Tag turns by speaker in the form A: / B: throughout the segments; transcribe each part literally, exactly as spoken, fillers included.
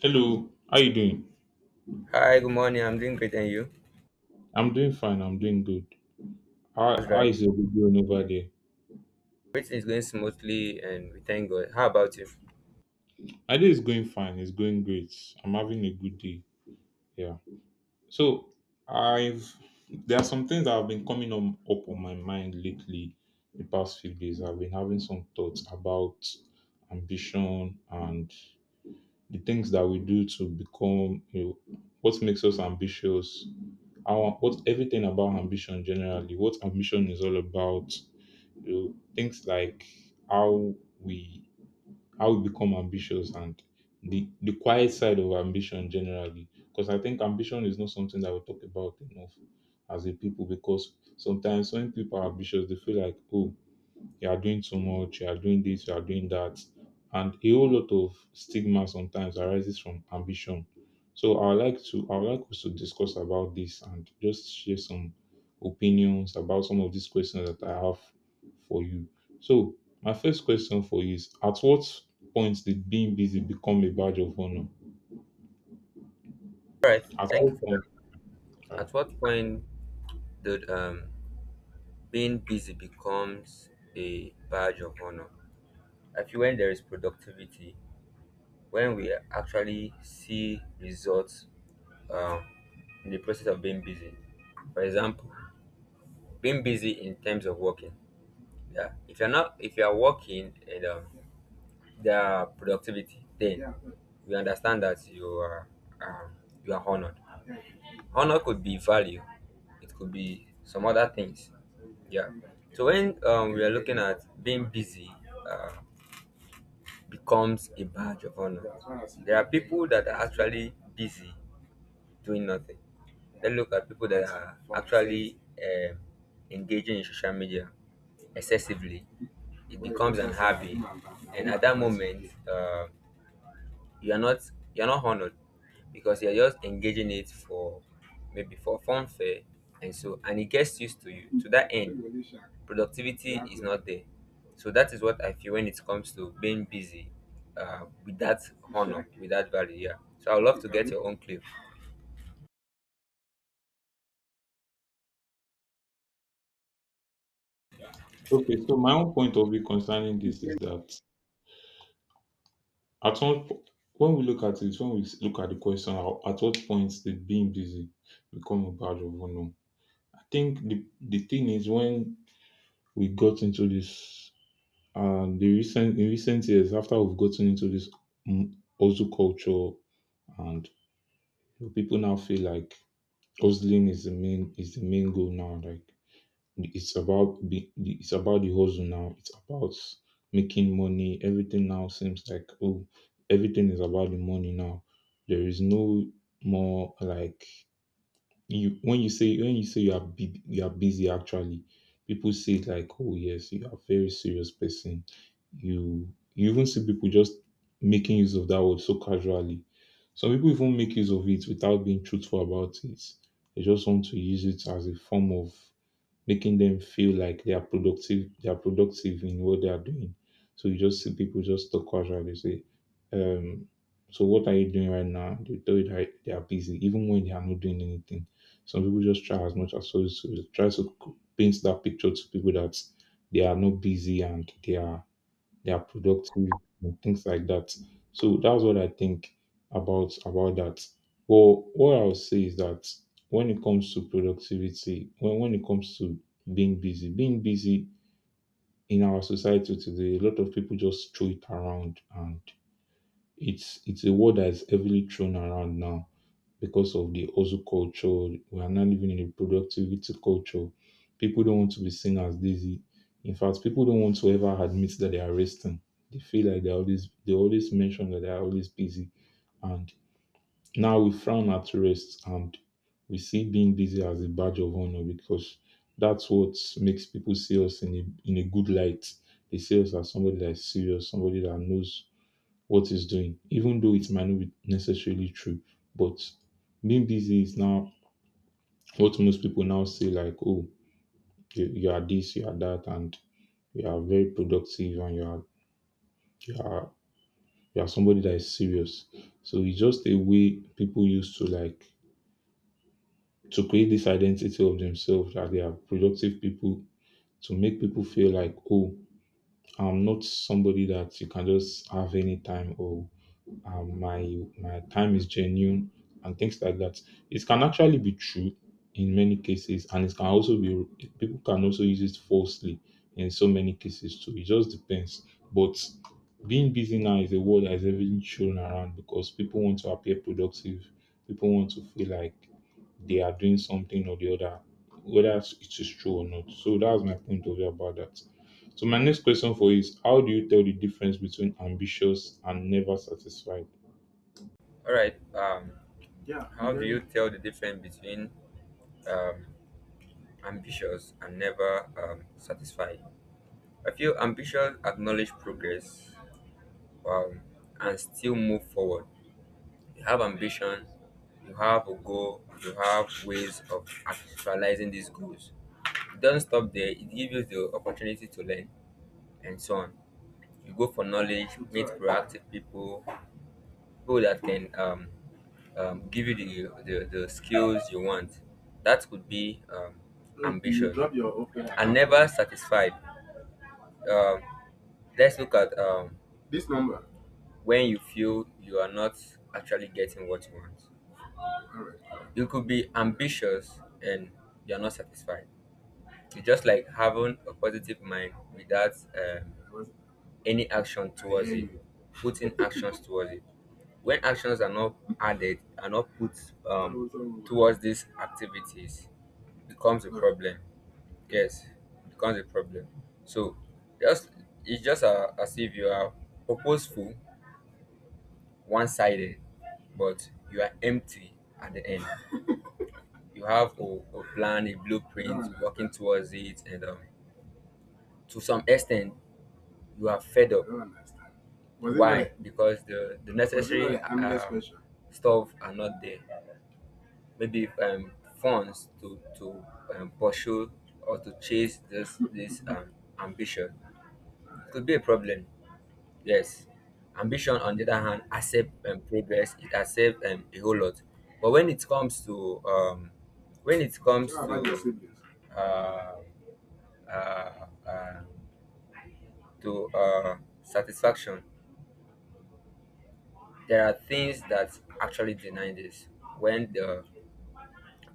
A: Hello, how you doing?
B: Hi, good morning. I'm doing great, and you?
A: I'm doing fine. I'm doing good. How
B: That's
A: how
B: right.
A: is your day going over there?
B: Everything is going smoothly, and we thank God. How about you?
A: My day is going fine. It's going great. I'm having a good day. Yeah. So I've There are some things that have been coming on, up on my mind lately. The past few days, I've been having some thoughts about ambition and the things that we do to become. You know, what makes us ambitious? Our what Everything about ambition generally. What ambition is all about. You know, things like how we how we become ambitious and the the quiet side of ambition generally. Because I think ambition is not something that we talk about enough as a people, because sometimes when people are ambitious they feel like, oh, you are doing too much, you are doing this, you are doing that. And a whole lot of stigma sometimes arises from ambition. So I would like to I would like us to discuss about this and just share some opinions about some of these questions that I have for you. So my first question for you is, at what point did being busy become a badge of honor?
B: All right.
A: At
B: Thank you
A: what
B: for
A: point?
B: that. At what point did um being busy becomes a badge of honor? I feel when there is productivity, when we actually see results um, in the process of being busy. For example, being busy in terms of working. Yeah. If you're not, if you are working and um, their productivity, then, yeah, we understand that you are um, you are honored. Honor could be value, it could be some other things. Yeah. So when um, we are looking at being busy, uh, becomes a badge of honor. There are people that are actually busy doing nothing. Then look at people that are actually um, engaging in social media excessively. It becomes an hobby, and at that moment, uh, you're not you're not honored because you're just engaging it for maybe for funfair. And so, and it gets used to you. To that end, productivity is not there. So that is what I feel when it comes to being busy, uh, with that honor, with that value. Yeah, so I'd love to get your own clip.
A: Okay, so my own point of view concerning this is that, At what po when we look at it, when we s- look at the question, how at what point did being busy become a badge of honor? I think the the thing is, when we got into this, and the recent in recent years after we've gotten into this mm, hustle culture, and people now feel like hustling is the main is the main goal now. Like, it's about be, it's about the hustle now. It's about making money. Everything now seems like, oh, everything is about the money now. There is no more like, you, when you say when you say you are bu- you are busy actually. People say like, oh yes, you are a very serious person. You you even see people just making use of that word so casually. Some people even make use of it without being truthful about it. They just want to use it as a form of making them feel like they are productive, they are productive in what they are doing. So you just see people just talk casual. They say, um, "So what are you doing right now?" They tell you that they are busy, even when they are not doing anything. Some people just try as much as possible to try to paint that picture to people that they are not busy and they are they are productive and things like that. So that's what I think about about that. Well, what I'll say is that when it comes to productivity, when when it comes to being busy, being busy in our society today, a lot of people just throw it around, and it's it's a word that is heavily thrown around now because of the hustle culture. We are now living in a productivity culture. People don't want to be seen as lazy. In fact, people don't want to ever admit that they are resting. They feel like they always they always mention that they are always busy, and now we frown at rest and we see being busy as a badge of honor because that's what makes people see us in a in a good light. They see us as somebody that's serious, somebody that knows what he's doing, even though it might not be necessarily true. But being busy is now what most people now say, like, oh, you, you are this, you are that, and you are very productive and you are you are you are somebody that is serious. So it's just a way people used to, like, to create this identity of themselves that they are productive people, to make people feel like, oh, I'm not somebody that you can just have any time, or um, my my time is genuine and things like that. It can actually be true in many cases, and it can also be, people can also use it falsely in so many cases too. It just depends. But being busy now is a word that is heavily thrown around because people want to appear productive. People want to feel like they are doing something or the other, whether it is true or not. So that's my point of view about that. So my next question for you is: how do you tell the difference between ambitious and never satisfied?
B: All right. um Yeah, how do you tell the difference between um ambitious and never um satisfied? I feel ambitious, acknowledge progress, um, and still move forward. You have ambition, you have a goal, you have ways of actualizing these goals. Don't stop there, it gives you the opportunity to learn and so on. You go for knowledge, meet proactive people, people that can um, um, give you the, the, the skills you want. That could be um, ambition. And never satisfied. Um, Let's look at um, this number. When you feel you are not actually getting what you want. All right. Right. You could be ambitious and you're not satisfied. You just like having a positive mind without um, I any action towards it, you. Putting actions towards it. When actions are not added, are not put I um, was on. Towards these activities, becomes a, right, problem. Yes, it becomes a problem. So just it's just uh, as if you are purposeful, one-sided, but you are empty at the end. You have a, a plan, a blueprint, working towards it, and um, to some extent, you are fed up. Was it why? Like, because the the was it necessary, like, endless um, question stuff are not there. Maybe um, funds to to um, pursue or to chase this this um, ambition could be a problem. Yes, ambition on the other hand accept um, progress. It accept um, a whole lot. But when it comes to um, when it comes to uh, uh, uh, to uh, satisfaction, there are things that actually deny this when the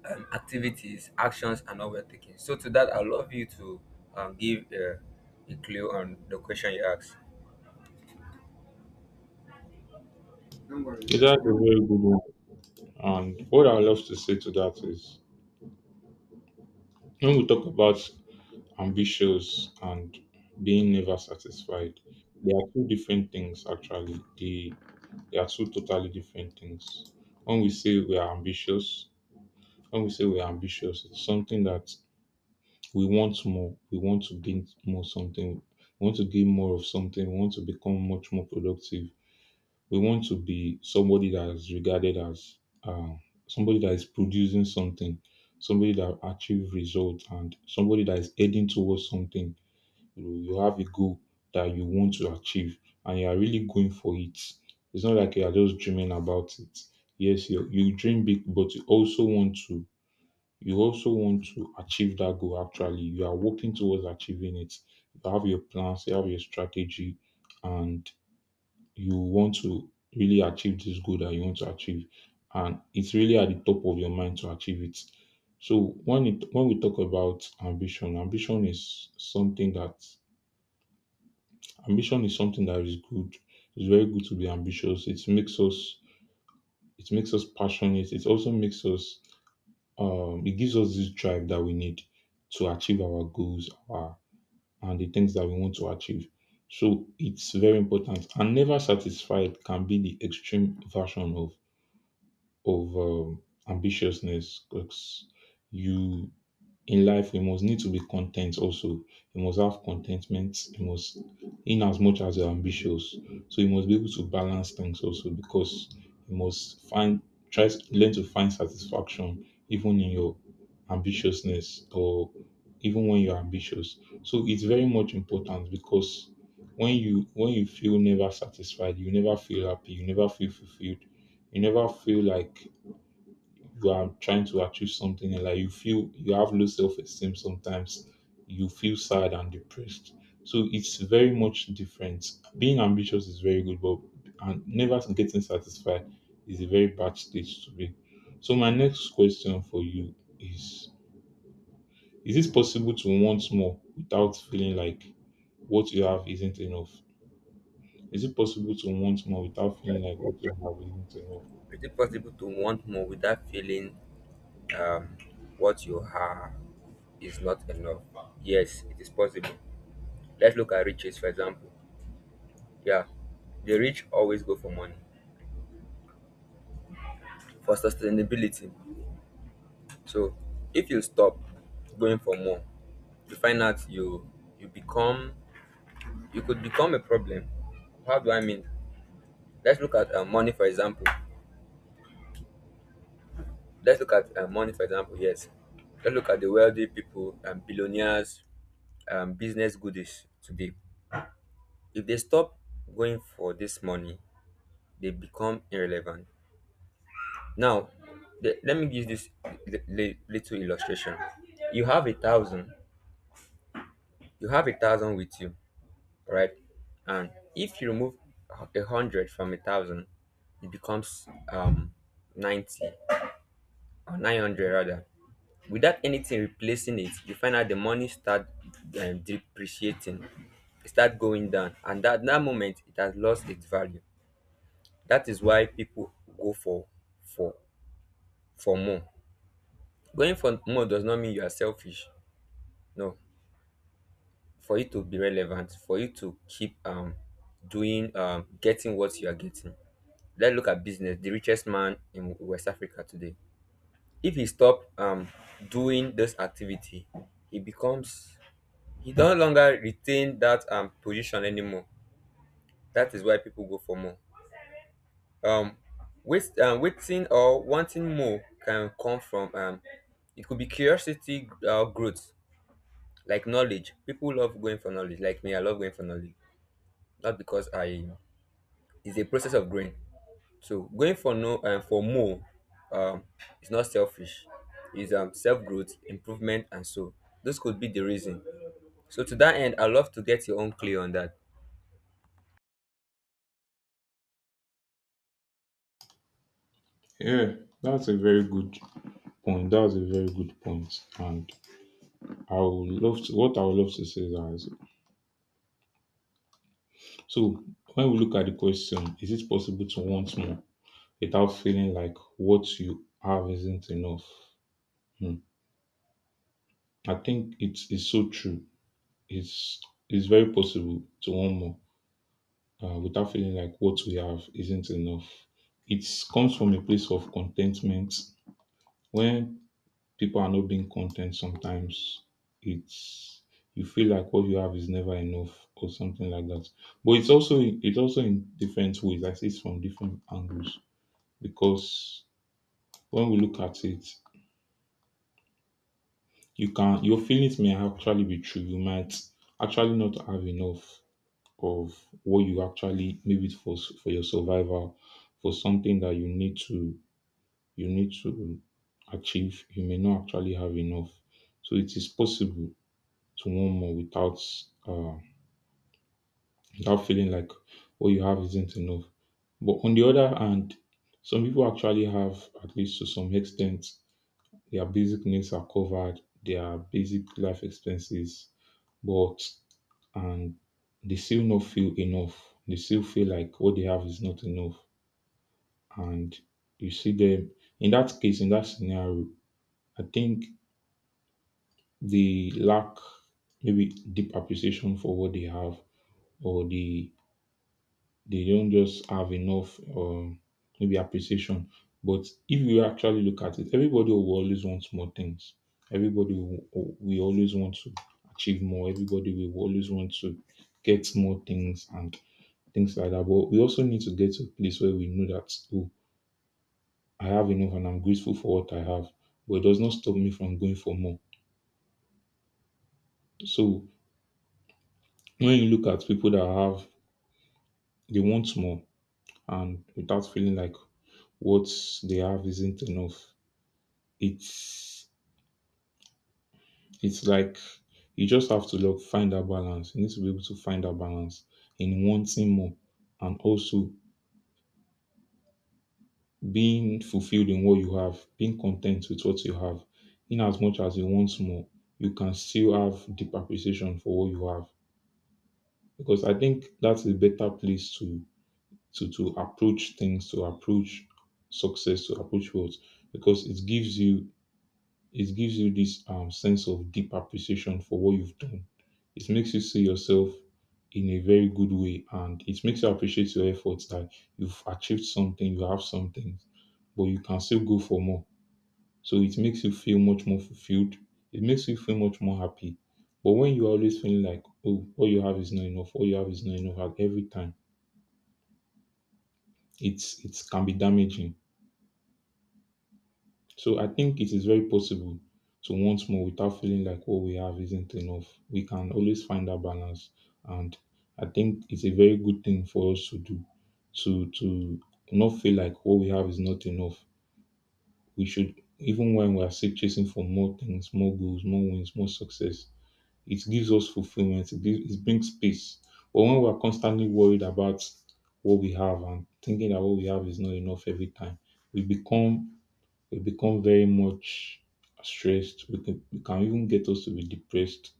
B: um, activities, actions are not well taken. So to that, I love you to um, give uh, a clue on the question you asked.
A: Yeah, that's a very good one. And what I love to say to that is, when we talk about ambitious and being never satisfied, they are two different things actually. They, they are two totally different things. When we say we are ambitious, when we say we are ambitious, it's something that we want more. We want to gain more something. We want to gain more of something. We want to become much more productive. We want to be somebody that is regarded as uh, somebody that is producing something, somebody that achieve results, and somebody that is heading towards something. You, know, you have a goal that you want to achieve, and you are really going for it. It's not like you are just dreaming about it. Yes, you, you dream big, but you also want to you also want to achieve that goal. Actually, you are working towards achieving it. You have your plans, you have your strategy, and you want to really achieve this goal that you want to achieve, and it's really at the top of your mind to achieve it. So when it when we talk about ambition, ambition is something that ambition is something that is good. It's very good to be ambitious. it makes us it makes us passionate. It also makes us, um it gives us this drive that we need to achieve our goals our, and the things that we want to achieve. So it's very important. And never satisfied can be the extreme version of of um, ambitiousness, because you, in life you must need to be content also. You must have contentment. You must, in as much as you're ambitious, so you must be able to balance things also, because you must find try to learn to find satisfaction even in your ambitiousness, or even when you're ambitious. So it's very much important, because when you when you feel never satisfied, you never feel happy, you never feel fulfilled, you never feel like you are trying to achieve something, and like you feel you have low self-esteem sometimes, you feel sad and depressed. So it's very much different. Being ambitious is very good, but and never getting satisfied is a very bad stage to be. So my next question for you is is it possible to want more without feeling like what you have isn't enough? Is it possible to want more without feeling like what you have isn't enough?
B: Is it possible to want more without feeling um, what you have is not enough? Yes, it is possible. Let's look at riches, for example. Yeah, the rich always go for money for sustainability. So, if you stop going for more, you find out you you become you could become a problem. How do I mean? Let's look at uh, money, for example. Let's look at uh, money, for example. Yes, let's look at the wealthy people and billionaires um, business goodies today. If they stop going for this money, they become irrelevant. Now, the, let me give this li- li- little illustration. You have a thousand, you have a thousand with you, right? And if you remove a hundred from a thousand, it becomes um ninety or nine hundred rather. Without anything replacing it, you find out the money start um, depreciating, it start going down, and at that moment it has lost its value. That is why people go for for for more. Going for more does not mean you are selfish. No. For you to be relevant, for you to keep um doing um getting what you are getting. Let's look at business. The richest man in West Africa today. If he stop um doing this activity, he becomes he no longer retain that um position anymore. That is why people go for more. um wait um Waiting or wanting more can come from um it could be curiosity or growth, like knowledge. People love going for knowledge, like me. I love going for knowledge, not because I it's a process of growing. So going for no um, for more um is not selfish. It's um self-growth improvement, and so those could be the reason. So to that end, I love to get your own clear on that.
A: Yeah, that's a very good point. That's a very good point. And I would love to, what I would love to say is, so when we look at the question, is it possible to want more without feeling like what you have isn't enough? Hmm. I think it's it's so true. It's it's very possible to want more, uh, without feeling like what we have isn't enough. It comes from a place of contentment. When people are not being content sometimes, it's, you feel like what you have is never enough or something like that. But it's also, it's also in different ways, I see it from different angles, because when we look at it, you can your feelings may actually be true. You might actually not have enough of what you actually, maybe for for your survival, for something that you need to, you need to achieve. You may not actually have enough. So it is possible to one more without uh, without feeling like what you have isn't enough. But on the other hand, some people actually have, at least to some extent, their basic needs are covered, their basic life expenses, but and they still not feel enough. They still feel like what they have is not enough. And you see them in that case, in that scenario, I think they lack maybe deep appreciation for what they have, or the they don't just have enough um maybe appreciation. But if you actually look at it, everybody will always want more things. Everybody will, we always want to achieve more. Everybody will always want to get more things and things like that. But we also need to get to a place where we know that, oh, I have enough and I'm grateful for what I have. But it does not stop me from going for more. So when you look at people that have, they want more and without feeling like what they have isn't enough, it's it's like you just have to look find that balance. You need to be able to find that balance in wanting more and also being fulfilled in what you have, being content with what you have. In as much as you want more, you can still have deep appreciation for what you have. Because I think that's a better place to to to approach things, to approach success, to approach words, because it gives you It gives you this um, sense of deep appreciation for what you've done. It makes you see yourself in a very good way, and it makes you appreciate your efforts that you've achieved something, you have something, but you can still go for more. So it makes you feel much more fulfilled. It makes you feel much more happy. But when you always feel like, oh, what you have is not enough, what you have is not enough at every time, it's it can be damaging. So I think it is very possible to want more without feeling like what we have isn't enough. We can always find that balance, and I think it's a very good thing for us to do, to to not feel like what we have is not enough. We should, even when we are still chasing for more things, more goals, more wins, more success, it gives us fulfillment. It, gives, it brings peace. But when we are constantly worried about what we have and thinking that what we have is not enough every time, we become we become very much stressed. We can, we can even get us to be depressed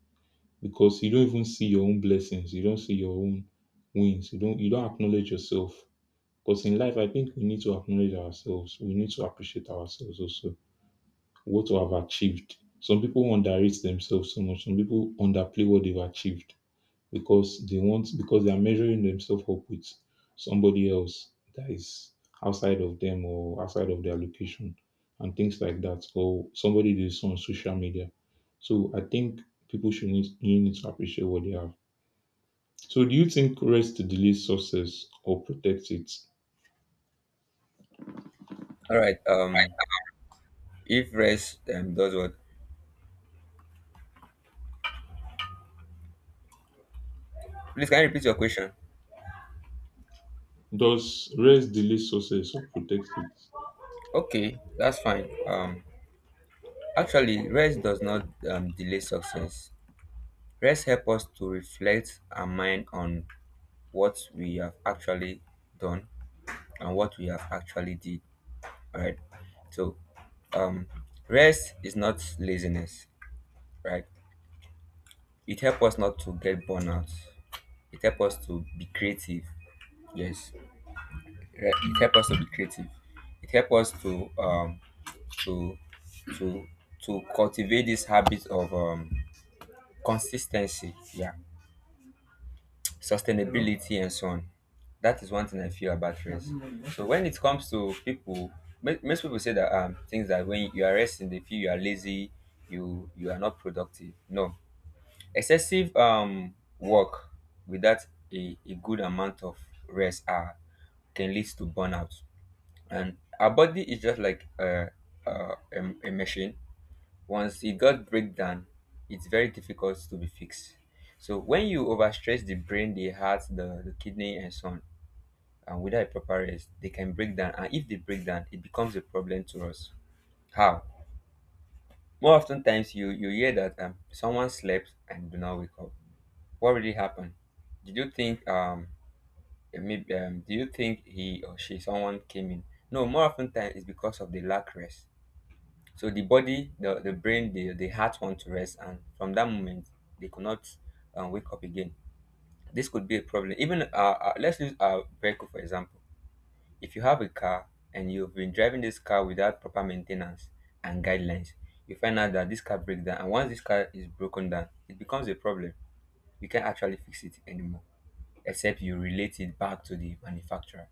A: because you don't even see your own blessings. You don't see your own wins. You don't you don't acknowledge yourself. Because in life, I think we need to acknowledge ourselves. We need to appreciate ourselves also. What we have achieved. Some people underrate themselves so much. Some people underplay what they've achieved because they want because they are measuring themselves up with somebody else that is outside of them or outside of their location and things like that, or somebody that is on social media. So I think people should need, you need to appreciate what they have. So do you think rest delays success or protects it?
B: All right. Um if rest um, does what, please can you repeat your question?
A: Does rest delay success or protect it?
B: Okay, that's fine. um Actually, rest does not um, delay success. Rest helps us to reflect our mind on what we have actually done and what we have actually did. Right. So, um, rest is not laziness. Right. It helps us not to get burnout. It helps us to be creative. Yes. Re- It helps us to be creative. It helps us to um to to to cultivate this habit of um consistency. Yeah, sustainability and so on. That is one thing I feel about rest. So when it comes to people, mo- most people say that um things that when you are resting, they feel you are lazy, you you are not productive. No, excessive um work without a, a good amount of rest are can lead to burnout, and our body is just like a a, a, a machine. Once it got breakdown, it's very difficult to be fixed. So when you overstress the brain, the heart, the, the kidney, and so on, and without a proper rest, they can break down. And if they break down, it becomes a problem to us. How? More often times, you you hear that um, someone slept and do not wake up. What really happened? Did you think um, eh, maybe um, Do you think he or she someone came in? No, more often times it's because of the lack rest. So the body, the, the brain, the, the heart want to rest, and from that moment, they could not um, wake up again. This could be a problem. Even uh, uh, let's use our vehicle for example. If you have a car and you've been driving this car without proper maintenance and guidelines, you find out that this car breaks down, and once this car is broken down, it becomes a problem. You can't actually fix it anymore, except you relate it back to the manufacturer.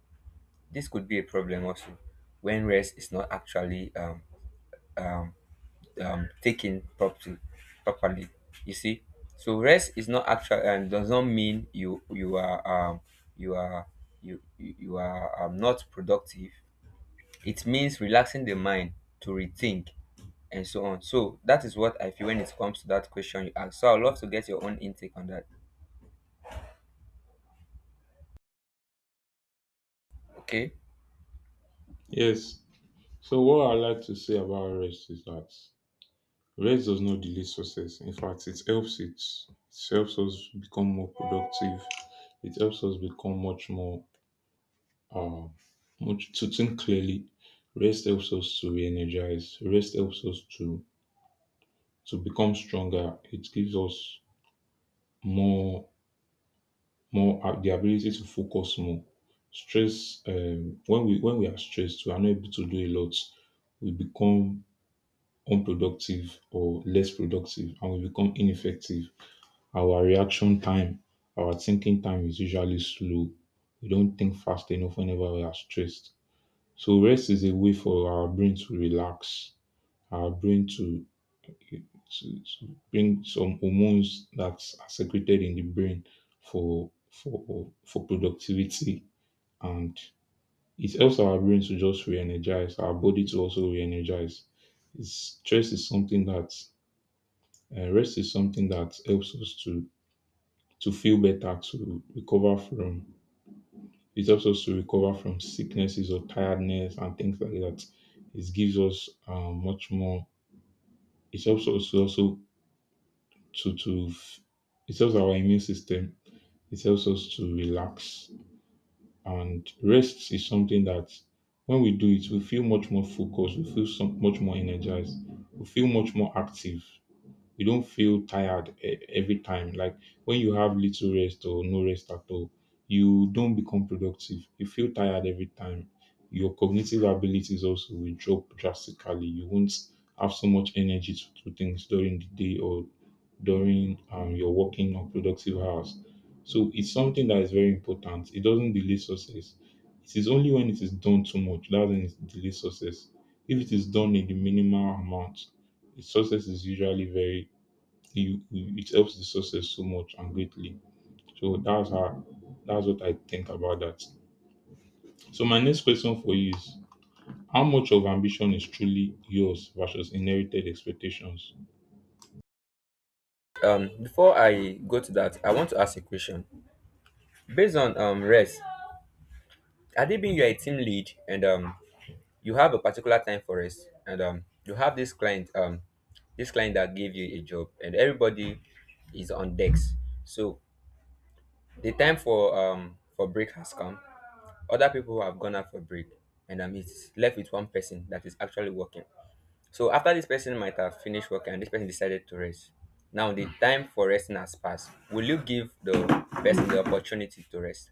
B: This could be a problem also when rest is not actually um, um, um, taken properly properly You see, so rest is not actual and does not mean you you are um you are you you you are um, not productive. It means relaxing the mind to rethink and so on. So that is what I feel when it comes to that question you asked. So I'd love to get your own intake on that. Okay.
A: Yes. So what I like to say about rest is that rest does not delay success. In fact, it helps it, it helps us become more productive. It helps us become much more uh much to think clearly. Rest helps us to re-energize. Rest helps us to to become stronger. It gives us more more uh, the ability to focus more. Stress um, when we when we are stressed, we are not able to do a lot. We become unproductive or less productive, and we become ineffective. Our reaction time, our thinking time is usually slow. We don't think fast enough whenever we are stressed. So rest is a way for our brain to relax, our brain to, to, to bring some hormones that are secreted in the brain for for for productivity, and it helps our brain to just re-energize, our body to also re-energize. It's- Stress is something that uh, rest is something that helps us to to feel better, to recover from. It helps us to recover from sicknesses or tiredness and things like that. It gives us uh, much more. It helps us to also to to. f- It helps our immune system. It helps us to relax, and rest is something that when we do it, we feel much more focused. We feel so much more energized. We feel much more active. You don't feel tired e- every time. Like when you have little rest or no rest at all, you don't become productive. You feel tired every time. Your cognitive abilities also will drop drastically. You won't have so much energy to do things during the day, or during um, your working or productive hours. So it's something that is very important. It doesn't delay success. It is only when it is done too much that when it delays success. If it is done in the minimal amount, the success is usually very you, it helps the success so much and greatly. So that's how that's what I think about that. So my next question for you is, how much of ambition is truly yours versus inherited expectations?
B: Um before I go to that, I want to ask a question based on um rest. Had it been you are a team lead and um you have a particular time for rest, and um you have this client um this client that gave you a job and everybody is on decks. So the time for um for break has come. Other people have gone out for break, and um it's left with one person that is actually working. So after this person might have finished working and this person decided to rest, now the time for resting has passed. Will you give the person the opportunity to rest?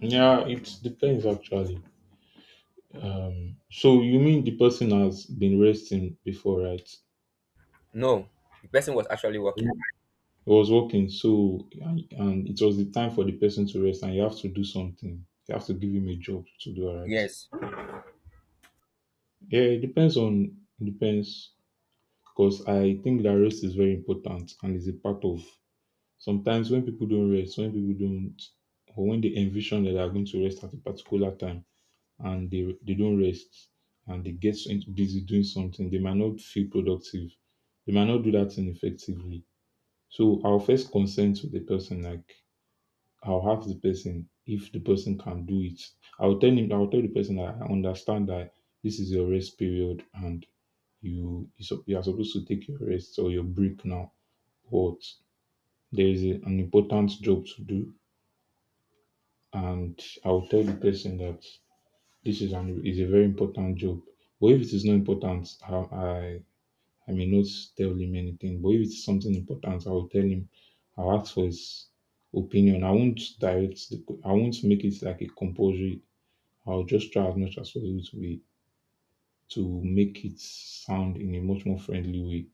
A: Yeah, it depends actually. Um, so you mean the person has been resting before, right?
B: No, the person was actually
A: It
B: working.
A: was working, so and, and it was the time for the person to rest, and you have to do something. You have to give him a job to do, all right?
B: Yes.
A: Yeah, it depends on it depends because I think that rest is very important and is a part of sometimes when people don't rest, when people don't or when they envision that they are going to rest at a particular time, and they they don't rest, and they get so busy doing something, they might not feel productive. They might not do that thing effectively. So I'll first consent to the person, like, I'll ask the person if the person can do it. I'll tell him I'll tell the person that I understand that this is your rest period, and you you sup- you are supposed to take your rest or your break now, but there is a- an important job to do. And I'll tell the person that this is an is a very important job, but if it is not important, i i, I may not tell him anything. But if it's something important, I'll tell him I'll ask for his opinion. I won't direct the, co- I won't make it like a compulsory. I'll just try as much as possible to be to make it sound in a much more friendly way,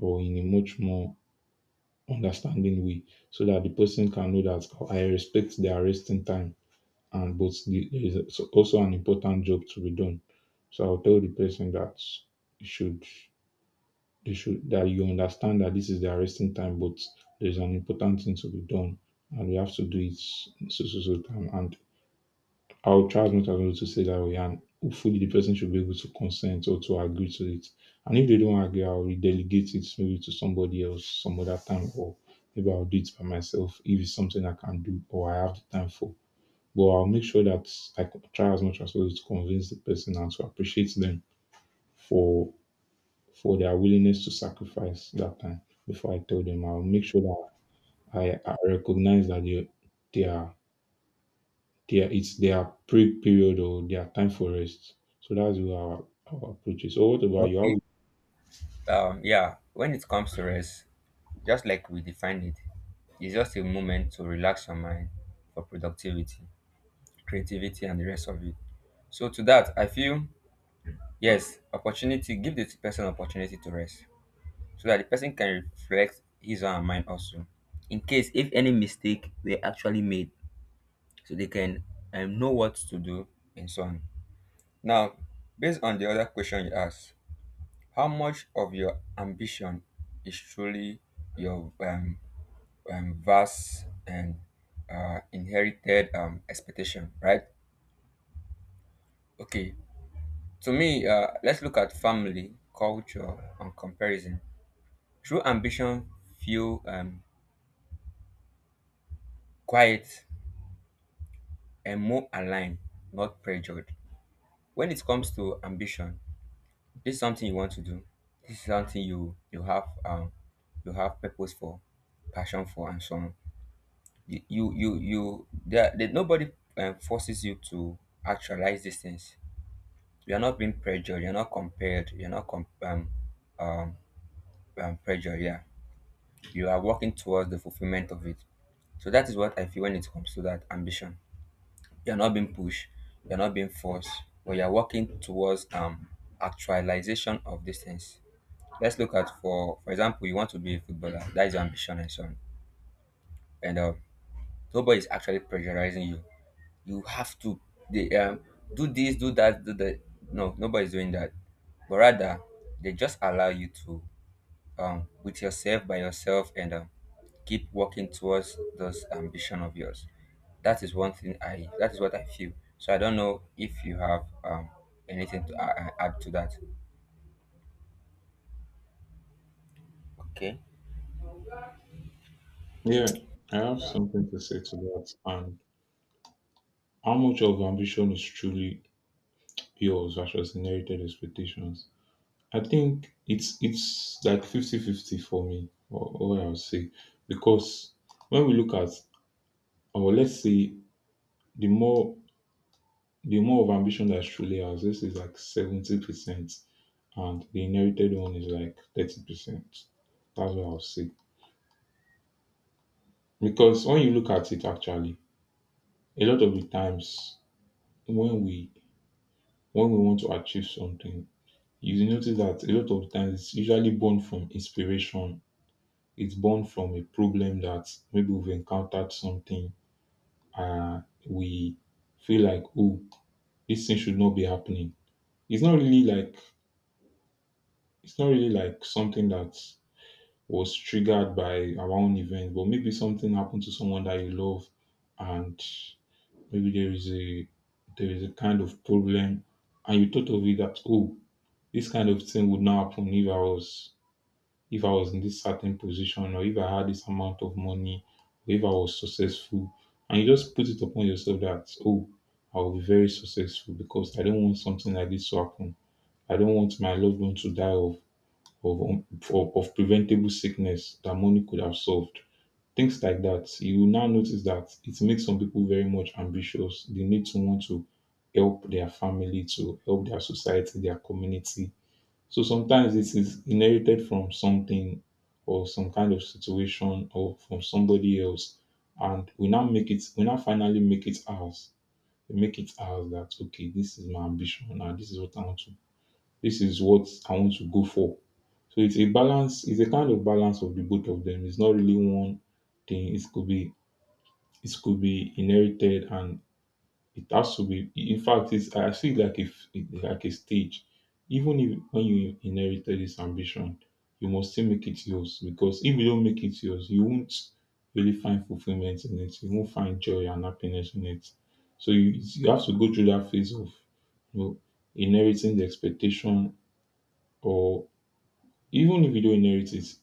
A: or in a much more understanding way, so that the person can know that, "Oh, I respect their resting time, and but the, there is also an important job to be done." So I'll tell the person that you should they should that you understand that this is their resting time, but there's an important thing to be done and we have to do it in so so so time. And I would try as much as possible to say that way, and hopefully the person should be able to consent or to agree to it. And if they don't agree, I'll delegate it maybe to somebody else some other time, or maybe I'll do it by myself if it's something I can do or I have the time for. But I'll make sure that I co- try as much as possible to convince the person and to appreciate them for for their willingness to sacrifice that time before I tell them. I'll make sure that I, I recognize that they, they are their it's their break period or their time for rest. So that's where our, our approach is. So what about you?
B: Okay.
A: How-
B: Um, yeah, when it comes to rest, just like we defined it, it's just a moment to relax your mind for productivity, creativity, and the rest of it. So to that, I feel yes, opportunity, give the person opportunity to rest so that the person can reflect his or her mind also. In case if any mistake were actually made, so they can um, know what to do and so on. Now, based on the other question you asked, how much of your ambition is truly your um, um, vast and uh, inherited um, expectation, right? Okay, to me, uh, let's look at family, culture, and comparison. True ambition feel um, quiet and more aligned, not pressured. When it comes to ambition, this is something you want to do. This is something you you have um, you have purpose for, passion for, and so on. You you you, you there, there nobody um, forces you to actualize these things. You're not being pressured. You're not compared. You're not com- um, um, um, pressured. Yeah, you are working towards the fulfillment of it. So that is what I feel when it comes to that ambition. You're not being pushed. You're not being forced, but you're working towards um actualization of these things. Let's look at for for example, you want to be a footballer. That is your ambition and so on. And uh, nobody is actually pressurizing you. You have to they um do this, do that, do that. No, nobody's doing that but rather they just allow you to um, with yourself by yourself and um, keep working towards those ambition of yours. That is one thing I that is what I feel. So I don't know if you have um, anything to uh, add to that. Okay.
A: Yeah, I have something to say to that. And how much of ambition is truly yours versus inherited expectations? I think it's it's like fifty fifty for me, or or I would say. Because when we look at, or let's say, the more the more of ambition that's truly ours, this is like seventy percent, and the inherited one is like thirty percent. That's what I'll say. Because when you look at it actually, a lot of the times when we when we want to achieve something, you notice that a lot of the times it's usually born from inspiration. It's born from a problem that maybe we've encountered something, uh we feel like, oh, this thing should not be happening. It's not really like it's not really like something that was triggered by our own event, but maybe something happened to someone that you love, and maybe there is a there is a kind of problem, and you thought of it that, oh, this kind of thing would not happen if I was if I was in this certain position, or if I had this amount of money, or if I was successful, and you just put it upon yourself that, oh, I will be very successful because I don't want something like this to happen. I don't want my loved one to die of of, um, of, of preventable sickness that money could have solved. Things like that. You will now notice that it makes some people very much ambitious. They need someone to help their family, to help their society, their community. So sometimes it is inherited from something or some kind of situation or from somebody else. And we now make it, we now finally make it ours. We make it ours that, okay, this is my ambition. Now, this is what I want to, this is what I want to go for. So it's a balance, it's a kind of balance of the both of them. It's not really one thing. It could be it could be inherited, and it has to be, in fact, it's, I see it like, if like a stage. Even if when you inherited this ambition, you must still make it yours, because if you don't make it yours, you won't really find fulfillment in it. You won't find joy and happiness in it. So you, you have to go through that phase of, you know, inheriting the expectation, or even if you don't inherit it,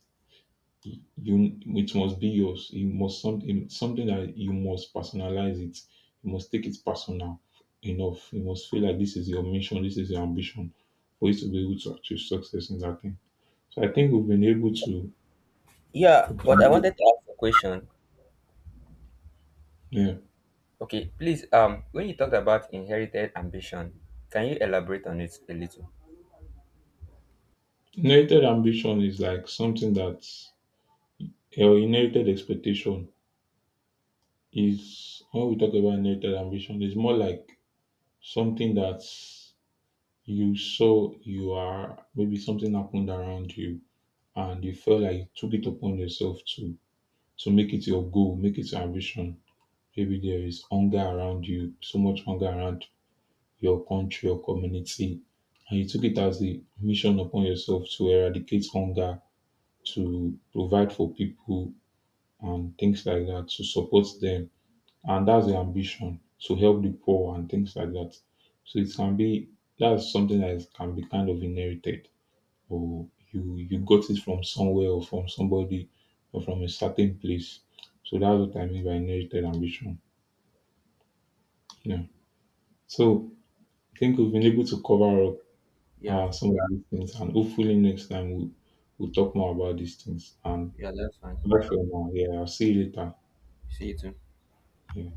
A: you it must be yours. You must something something that you must personalize it. You must take it personal enough. You must feel like this is your mission, this is your ambition, for you to be able to achieve success in that thing. So I think we've been able to.
B: Yeah, but I wanted to ask a question.
A: Yeah.
B: Okay, please, um when you talked about inherited ambition, can you elaborate on it a little?
A: Inherited ambition is like something that, or inherited expectation, is when we talk about inherited ambition, it's more like something that you saw you are maybe something happened around you, and you felt like you took it upon yourself to to make it your goal, make it your ambition. Maybe there is hunger around you, so much hunger around your country, your community, and you took it as a mission upon yourself to eradicate hunger, to provide for people and things like that, to support them. And that's the ambition, to help the poor and things like that. So it can be that's something that is- can be kind of inherited, or you you got it from somewhere or from somebody or from a certain place. So that's what I mean by inherited ambition. Yeah. So I think we've been able to cover up
B: Yeah.
A: uh, some of these things, and hopefully next time we'll, we'll talk more about these things. And
B: Yeah, that's fine.
A: bye for now. Yeah, I'll see you later.
B: See you too.
A: Yeah.